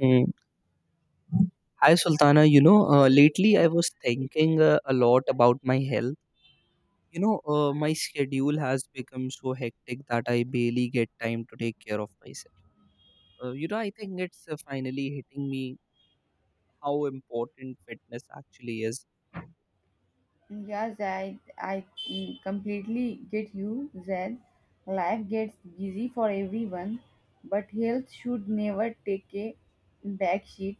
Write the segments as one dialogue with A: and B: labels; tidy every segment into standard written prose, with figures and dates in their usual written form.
A: Mm. Hi Sultana, lately I was thinking a lot about my health. My schedule has become so hectic that I barely get time to take care of myself. I think it's finally hitting me how important fitness actually is.
B: Yes, I completely get you, Zed. Life gets busy for everyone, but health should never take a back seat.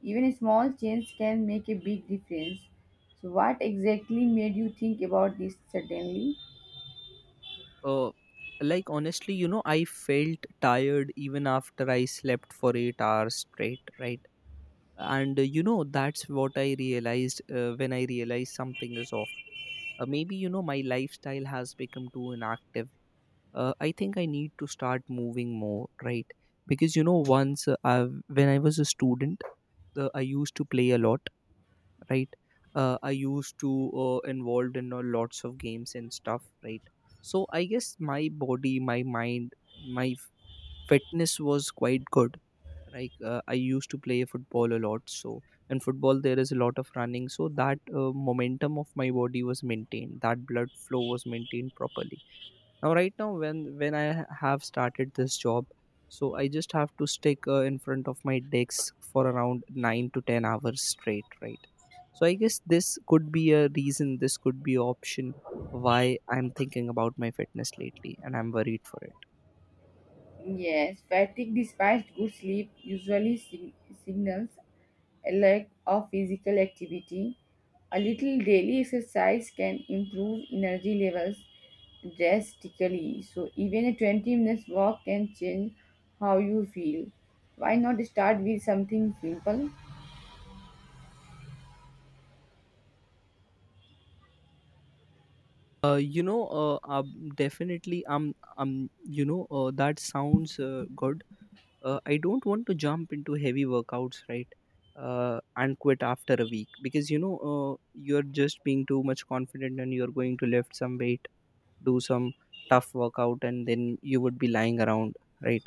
B: Even a small change can make a big difference. So, what exactly made you think about this suddenly?
A: Uh, I felt tired even after I slept for 8 hours straight, right? And that's what I realized when I realized something is off. Maybe you know my lifestyle has become too inactive. I think I need to start moving more, right? Because you know once when I was a student, I used to play a lot, right? I used to involved in lots of games and stuff, right? So I guess my body, my mind, my f- fitness was quite good. I used to play football a lot, so in football there is a lot of running, so that momentum of my body was maintained, that blood flow was maintained properly. Now right now when when I have started this job, so I just have to stick in front of my desk for around 9 to 10 hours straight, right? So I guess this could be a reason, this could be option why I'm thinking about my fitness lately, and I'm worried for it.
B: Yes, fatigue despite good sleep usually signals a lack of physical activity. A little daily exercise can improve energy levels drastically. So even a 20 minutes walk can change how you feel. Why not start with something simple?
A: Definitely, that sounds good. I don't want to jump into heavy workouts, right? And quit after a week because you're just being too much confident and you're going to lift some weight, do some tough workout, and then you would be lying around, right?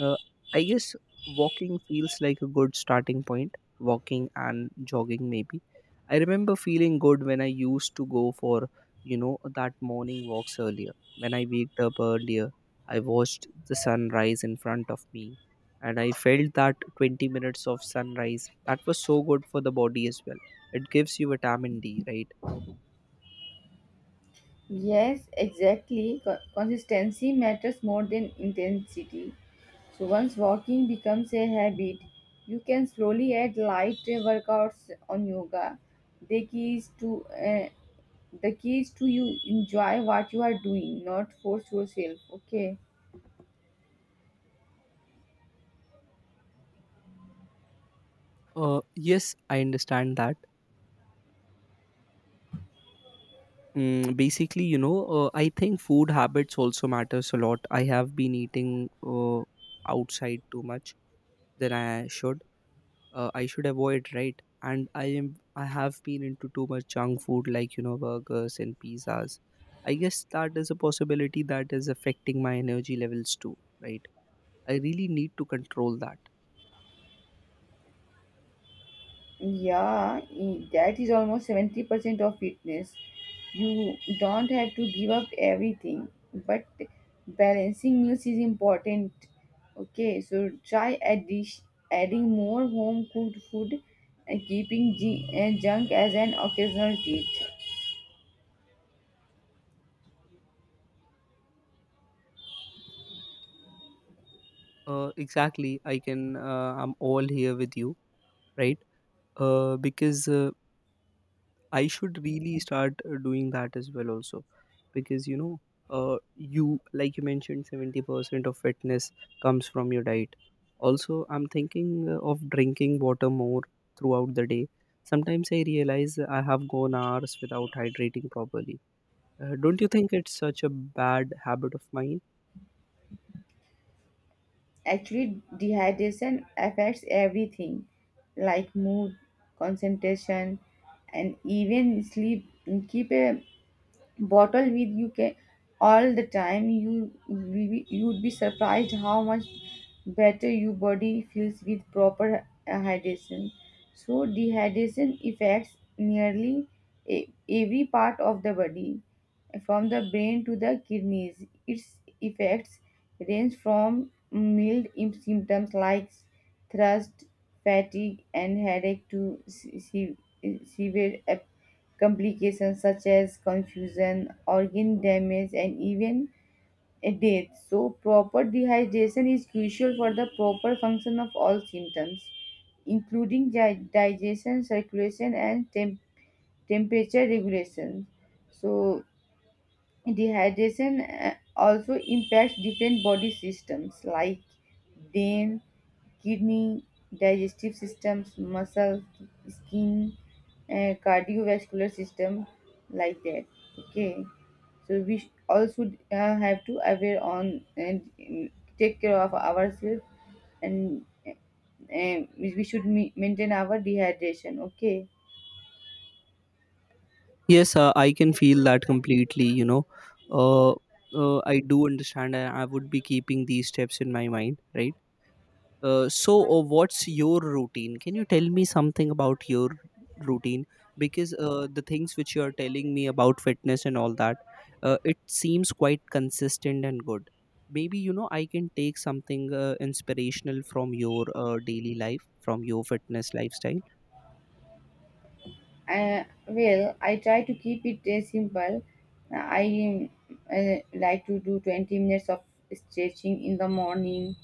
A: Uh, I guess walking feels like a good starting point. Walking and jogging, maybe. I remember feeling good when I used to go for, that morning walks earlier. When I waked up earlier, I watched the sunrise in front of me and I felt that 20 minutes of sunrise. That was so good for the body as well. It gives you vitamin D, right?
B: Yes, exactly. Consistency matters more than intensity. So once walking becomes a habit, you can slowly add light workouts on yoga. The key is to uh, the key is to you enjoy what you are doing, not force yourself. Okay.
A: Yes, I understand that. Mm, basically, I think food habits also matters a lot. I have been eating outside too much than I should. I should avoid, right? And I have been into too much junk food, like you know, burgers and pizzas. I guess that is a possibility that is affecting my energy levels too, right? I really need to control that.
B: Yeah, that is almost 70% of fitness. You don't have to give up everything, but balancing meals is important. Okay, so adding more home cooked food and keeping junk as an occasional treat.
A: Exactly. I can. I'm all here with you, right? Because I should really start doing that as well also because you like you mentioned 70% of fitness comes from your diet. Also I'm thinking of drinking water more throughout the day. Sometimes I realize I have gone hours without hydrating properly. Don't you think it's such a bad habit of mine?
B: Actually, dehydration affects everything like mood, concentration, and even sleep. Keep a bottle with you can all the time you'd be surprised how much better your body feels with proper hydration. So dehydration affects nearly e- every part of the body. From the brain to the kidneys, its effects range from mild symptoms like thirst, fatigue and headache to severe complications such as confusion, organ damage, and even a death. So, proper dehydration is crucial for the proper function of all symptoms, including digestion, circulation, and temperature regulation. So, dehydration also impacts different body systems like brain, kidney, digestive systems, muscle, skin, and cardiovascular system, like that. Okay, so also have to aware on and take care of ourselves, and we should maintain our dehydration. Okay,
A: Yes, I can feel that completely, you know. Uh, I do understand. I would be keeping these steps in my mind, right? What's your routine? Can you tell me something about your routine, because the things which you are telling me about fitness and all that, it seems quite consistent and good. Maybe you know I can take something inspirational from your daily life, from your fitness lifestyle.
B: well, I try to keep it simple. I like to do 20 minutes of stretching in the morning.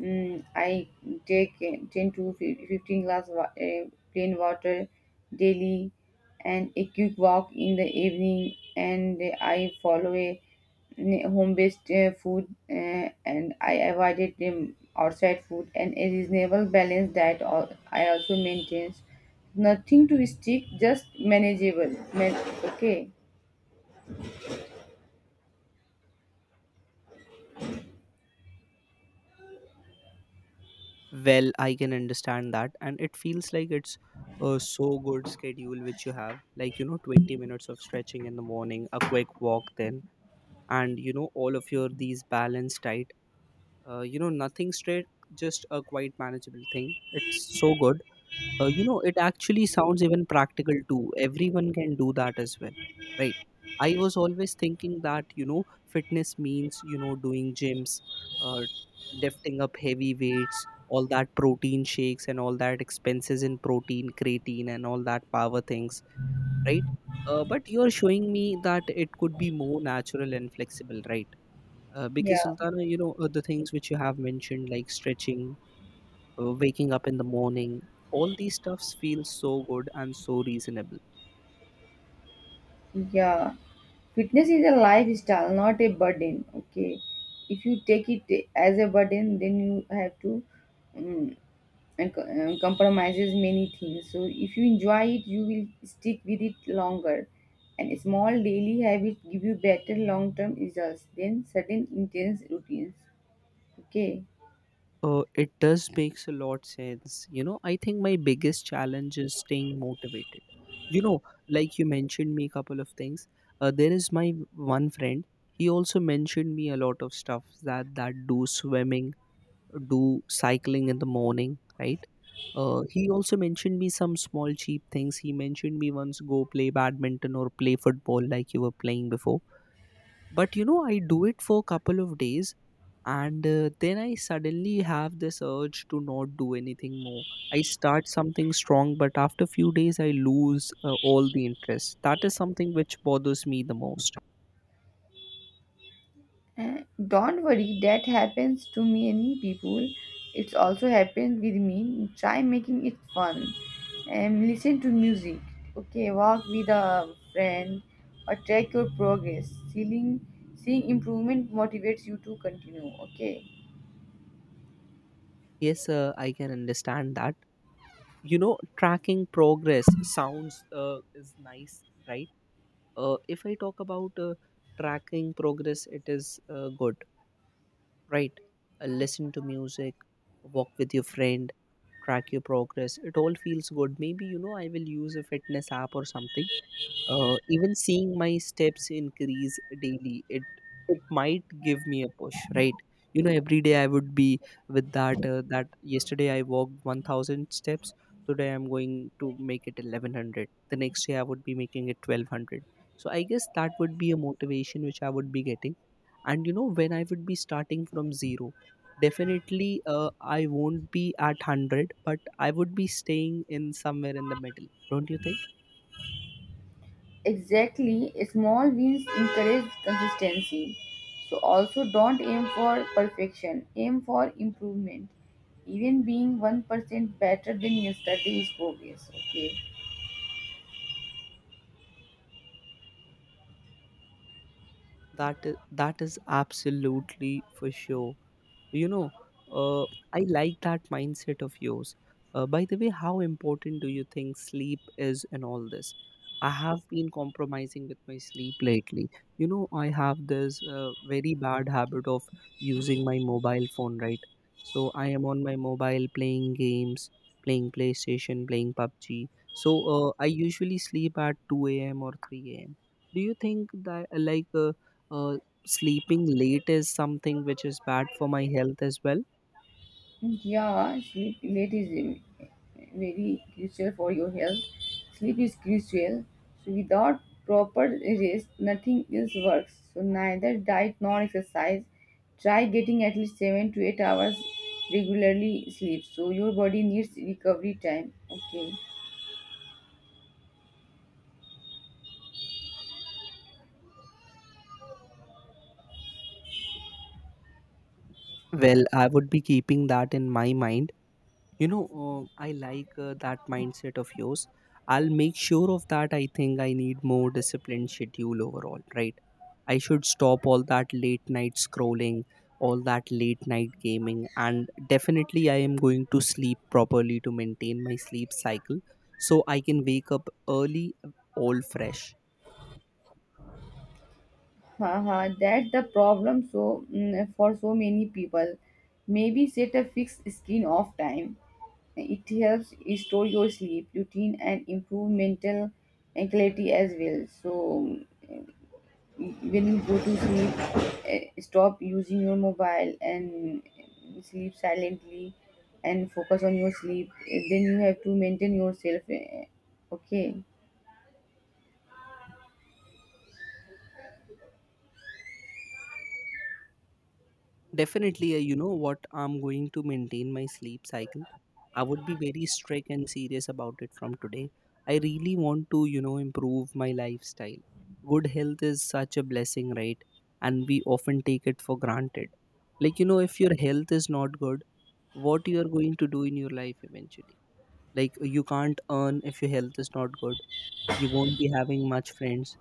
B: Mm, I take 10 to 15 glass plain water daily, and a quick walk in the evening. And I follow a home-based food, and I avoided outside food, and a reasonable balanced diet I also maintains nothing to stick, just manageable. Okay.
A: Well, I can understand that, and it feels like it's a so good schedule which you have, like you know, 20 minutes of stretching in the morning, a quick walk, then, and you know, all of your these balanced diet, nothing straight, just a quite manageable thing. It's so good. You know, it actually sounds even practical too. Everyone can do that as well, right? I was always thinking that you know fitness means you know doing gyms, uh, lifting up heavy weights, all that protein shakes and all that expenses in protein, creatine and all that power things, right? But you're showing me that it could be more natural and flexible, right? Because,
B: Yeah,
A: Sultana, you know, the things which you have mentioned, like stretching, waking up in the morning, all these stuffs feel so good and so reasonable.
B: yeah. Fitness is a lifestyle, not a burden. Okay, if you take it as a burden, then you have to um, compromises many things. So if you enjoy it, you will stick with it longer. And small daily habits give you better long-term results than sudden intense routines. Okay.
A: It does makes a lot sense. You know, I think my biggest challenge is staying motivated, you know. Like you mentioned me a couple of things. There is my one friend. He also mentioned me a lot of stuff, that do swimming, do cycling in the morning, right? He also mentioned me some small cheap things. He mentioned me once go play badminton or play football like you were playing before. But you know, I do it for a couple of days, and then I suddenly have this urge to not do anything more. I start something strong, but after few days I lose all the interest. That is something which bothers me the most.
B: Eh, Don't worry, that happens to many people. It's also happened with me. Try making it fun. And listen to music. Okay, walk with a friend or track your progress. Seeing improvement motivates you to continue. Okay,
A: Yes, I can understand that. You know, tracking progress sounds is nice, right? If I talk about tracking progress, it is good, right? Listen to music, walk with your friend, track your progress. It all feels good. Maybe, you know, I will use a fitness app or something. Even seeing my steps increase daily, it might give me a push, right? You know, every day I would be with that. That yesterday I walked 1,000 steps. Today I'm going to make it 1,100. The next day I would be making it 1,200. So I guess that would be a motivation which I would be getting. And you know, when I would be starting from zero, definitely I won't be at 100, but I would be staying in somewhere in the middle. Don't you think?
B: exactly. Small wins encourage consistency. So, also don't aim for perfection, aim for improvement. Even being 1% better than yesterday is progress. Okay.
A: That is absolutely for sure. You know uh, I like that mindset of yours. By the way, how important do you think sleep is in all this? I have been compromising with my sleep lately. You know, I have this very bad habit of using my mobile phone, right? So I am on my mobile playing games, playing PlayStation, playing PUBG. So I usually sleep at 2 a.m or 3 a.m. Do you think that uh, sleeping late is something which is bad for my health as well?
B: Yeah, sleep late is very crucial for your health. Sleep is crucial. So without proper rest, nothing else works. So neither diet nor exercise. Try getting at least 7 to 8 hours regularly sleep. So your body needs recovery time. Okay.
A: Well, I would be keeping that in my mind. You know, I like that mindset of yours. I'll make sure of that. I think I need more disciplined schedule overall, right? I should stop all that late night scrolling, all that late night gaming, and definitely I am going to sleep properly to maintain my sleep cycle so I can wake up early, all fresh.
B: Haha, that's the problem. So for so many people, maybe set a fixed screen off time. It helps restore your sleep routine and improve mental clarity as well. So when you go to sleep, stop using your mobile and sleep silently and focus on your sleep. Then you have to maintain yourself. Okay.
A: Definitely, you know what? I'm going to maintain my sleep cycle. I would be very strict and serious about it from today. I really want to, you know, improve my lifestyle. Good health is such a blessing, right? And we often take it for granted. Like, you know, if your health is not good, what you are going to do in your life eventually? Like, you can't earn if your health is not good. You won't be having much friends.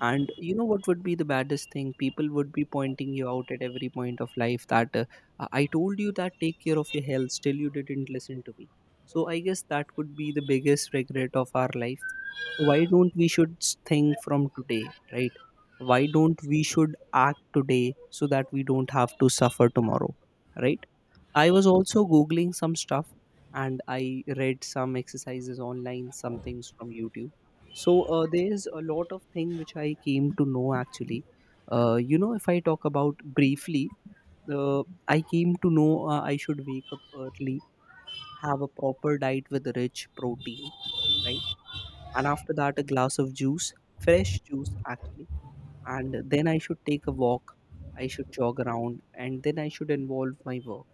A: And you know what would be the baddest thing? People would be pointing you out at every point of life that I told you that take care of your health, still you didn't listen to me. So I guess that could be the biggest regret of our life. So why don't we should think from today, right? Why don't we should act today so that we don't have to suffer tomorrow, right? I was also googling some stuff and I read some exercises online, some things from YouTube. So there's a lot of thing which I came to know actually. You know, if I talk about briefly, I came to know I should wake up early, have a proper diet with rich protein, right? And after that, a glass of juice, fresh juice actually, and then I should take a walk, I should jog around, and then I should involve my work.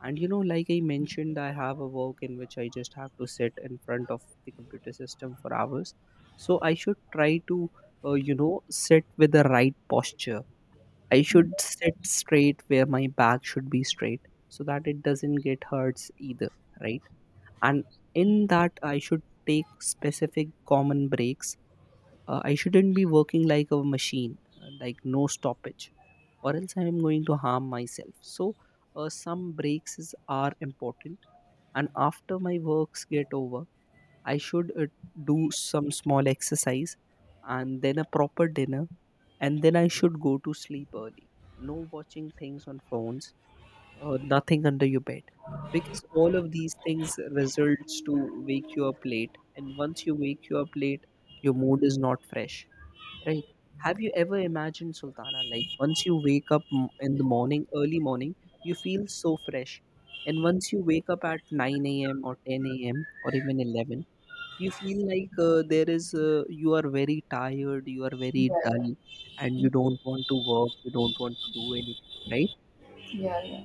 A: And you know, like I mentioned, I have a work in which I just have to sit in front of the computer system for hours. So I should try to, you know, sit with the right posture. I should sit straight where my back should be straight so that it doesn't get hurts either, right? And in that, I should take specific common breaks. I shouldn't be working like a machine, like no stoppage, or else I am going to harm myself. So, some breaks are important. And after my works get over, I should do some small exercise and then a proper dinner. And then I should go to sleep early. No watching things on phones, nothing under your bed. Because all of these things results to wake you up late. And once you wake you up late, your mood is not fresh. Right. Have you ever imagined, Sultana, like once you wake up in the morning, early morning, you feel so fresh. And once you wake up at 9 a.m. or 10 a.m. or even 11, you feel like you are very tired, you are
B: Yeah,
A: very dull,
B: yeah,
A: and you don't want to work, you don't want to do anything, right?
B: yeah, yeah.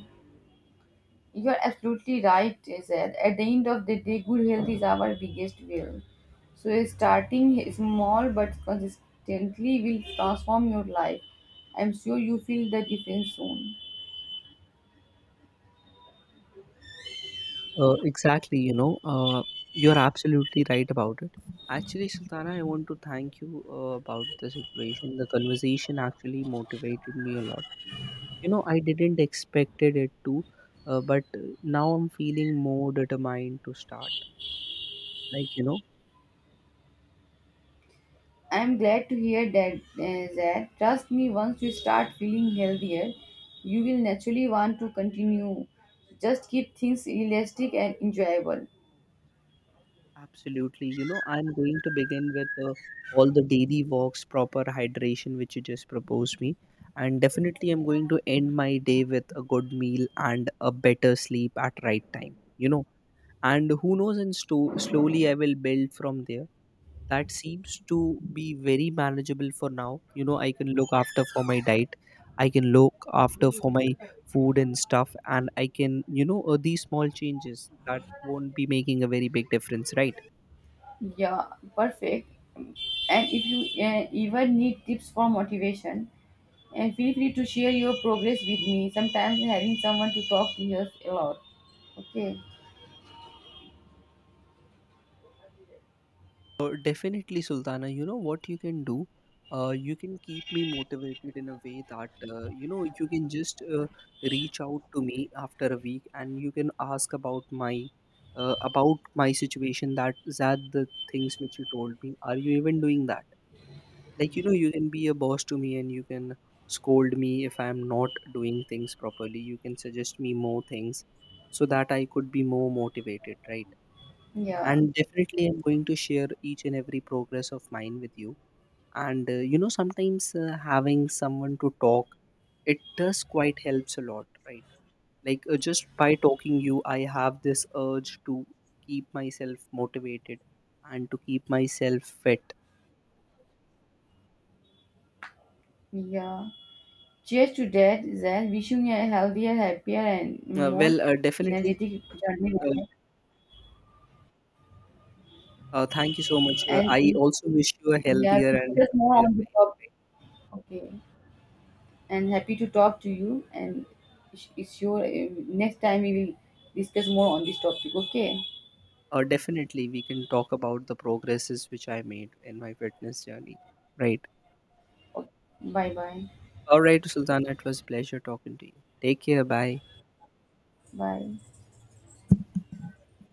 B: You're absolutely right, they said. At the end of the day, good health is our biggest wealth. So starting small but consistently will transform your life. I'm sure you feel the difference soon.
A: Exactly, you know, you're absolutely right about it. Actually, Sultana, I want to thank you about the situation. The conversation actually motivated me a lot. You know, I didn't expected it to, but now I'm feeling more determined to start, like you know.
B: I'm glad to hear that, Zed. Trust me, once you start feeling healthier, you will naturally want to continue. Just keep things realistic and enjoyable.
A: Absolutely, you know, I'm going to begin with all the daily walks, proper hydration which you just proposed me. And definitely I'm going to end my day with a good meal and a better sleep at right time, you know. And who knows, and slowly I will build from there. That seems to be very manageable for now. You know, I can look after for my diet, I can look after for my food and stuff, and I can you know these small changes that won't be making a very big difference, right?
B: Yeah, perfect. And if you even need tips for motivation, and feel free to share your progress with me. Sometimes having someone to talk to helps a lot. Okay.
A: Definitely, Sultana. You know what you can do? You can keep me motivated in a way that you know, you can just reach out to me after a week, and you can ask about my situation. That the things which you told me. Are you even doing that? Like you know, you can be a boss to me, and you can scold me if I am not doing things properly. You can suggest me more things so that I could be more motivated, right?
B: Yeah.
A: And definitely I'm going to share each and every progress of mine with you. And you know, sometimes having someone to talk, it does quite helps a lot, right? Just by talking you, I have this urge to keep myself motivated and to keep myself fit.
B: Yeah. Cheers to that, Zan. Wishing you a healthier, happier, and more
A: Definitely.
B: energetic journey
A: uh,
B: ahead.
A: Thank you so much. I
B: And
A: also wish you a
B: yeah,
A: healthier and
B: discuss more
A: happier
B: on the topic.
A: life.
B: Okay. And happy to talk to you. And it's your next time we will discuss more on this topic. Okay.
A: Definitely we can talk about the progresses which I made in my fitness journey, right?
B: Okay. Bye bye.
A: All right, Sultana, it was a pleasure talking to you. Take care. Bye.
B: Bye.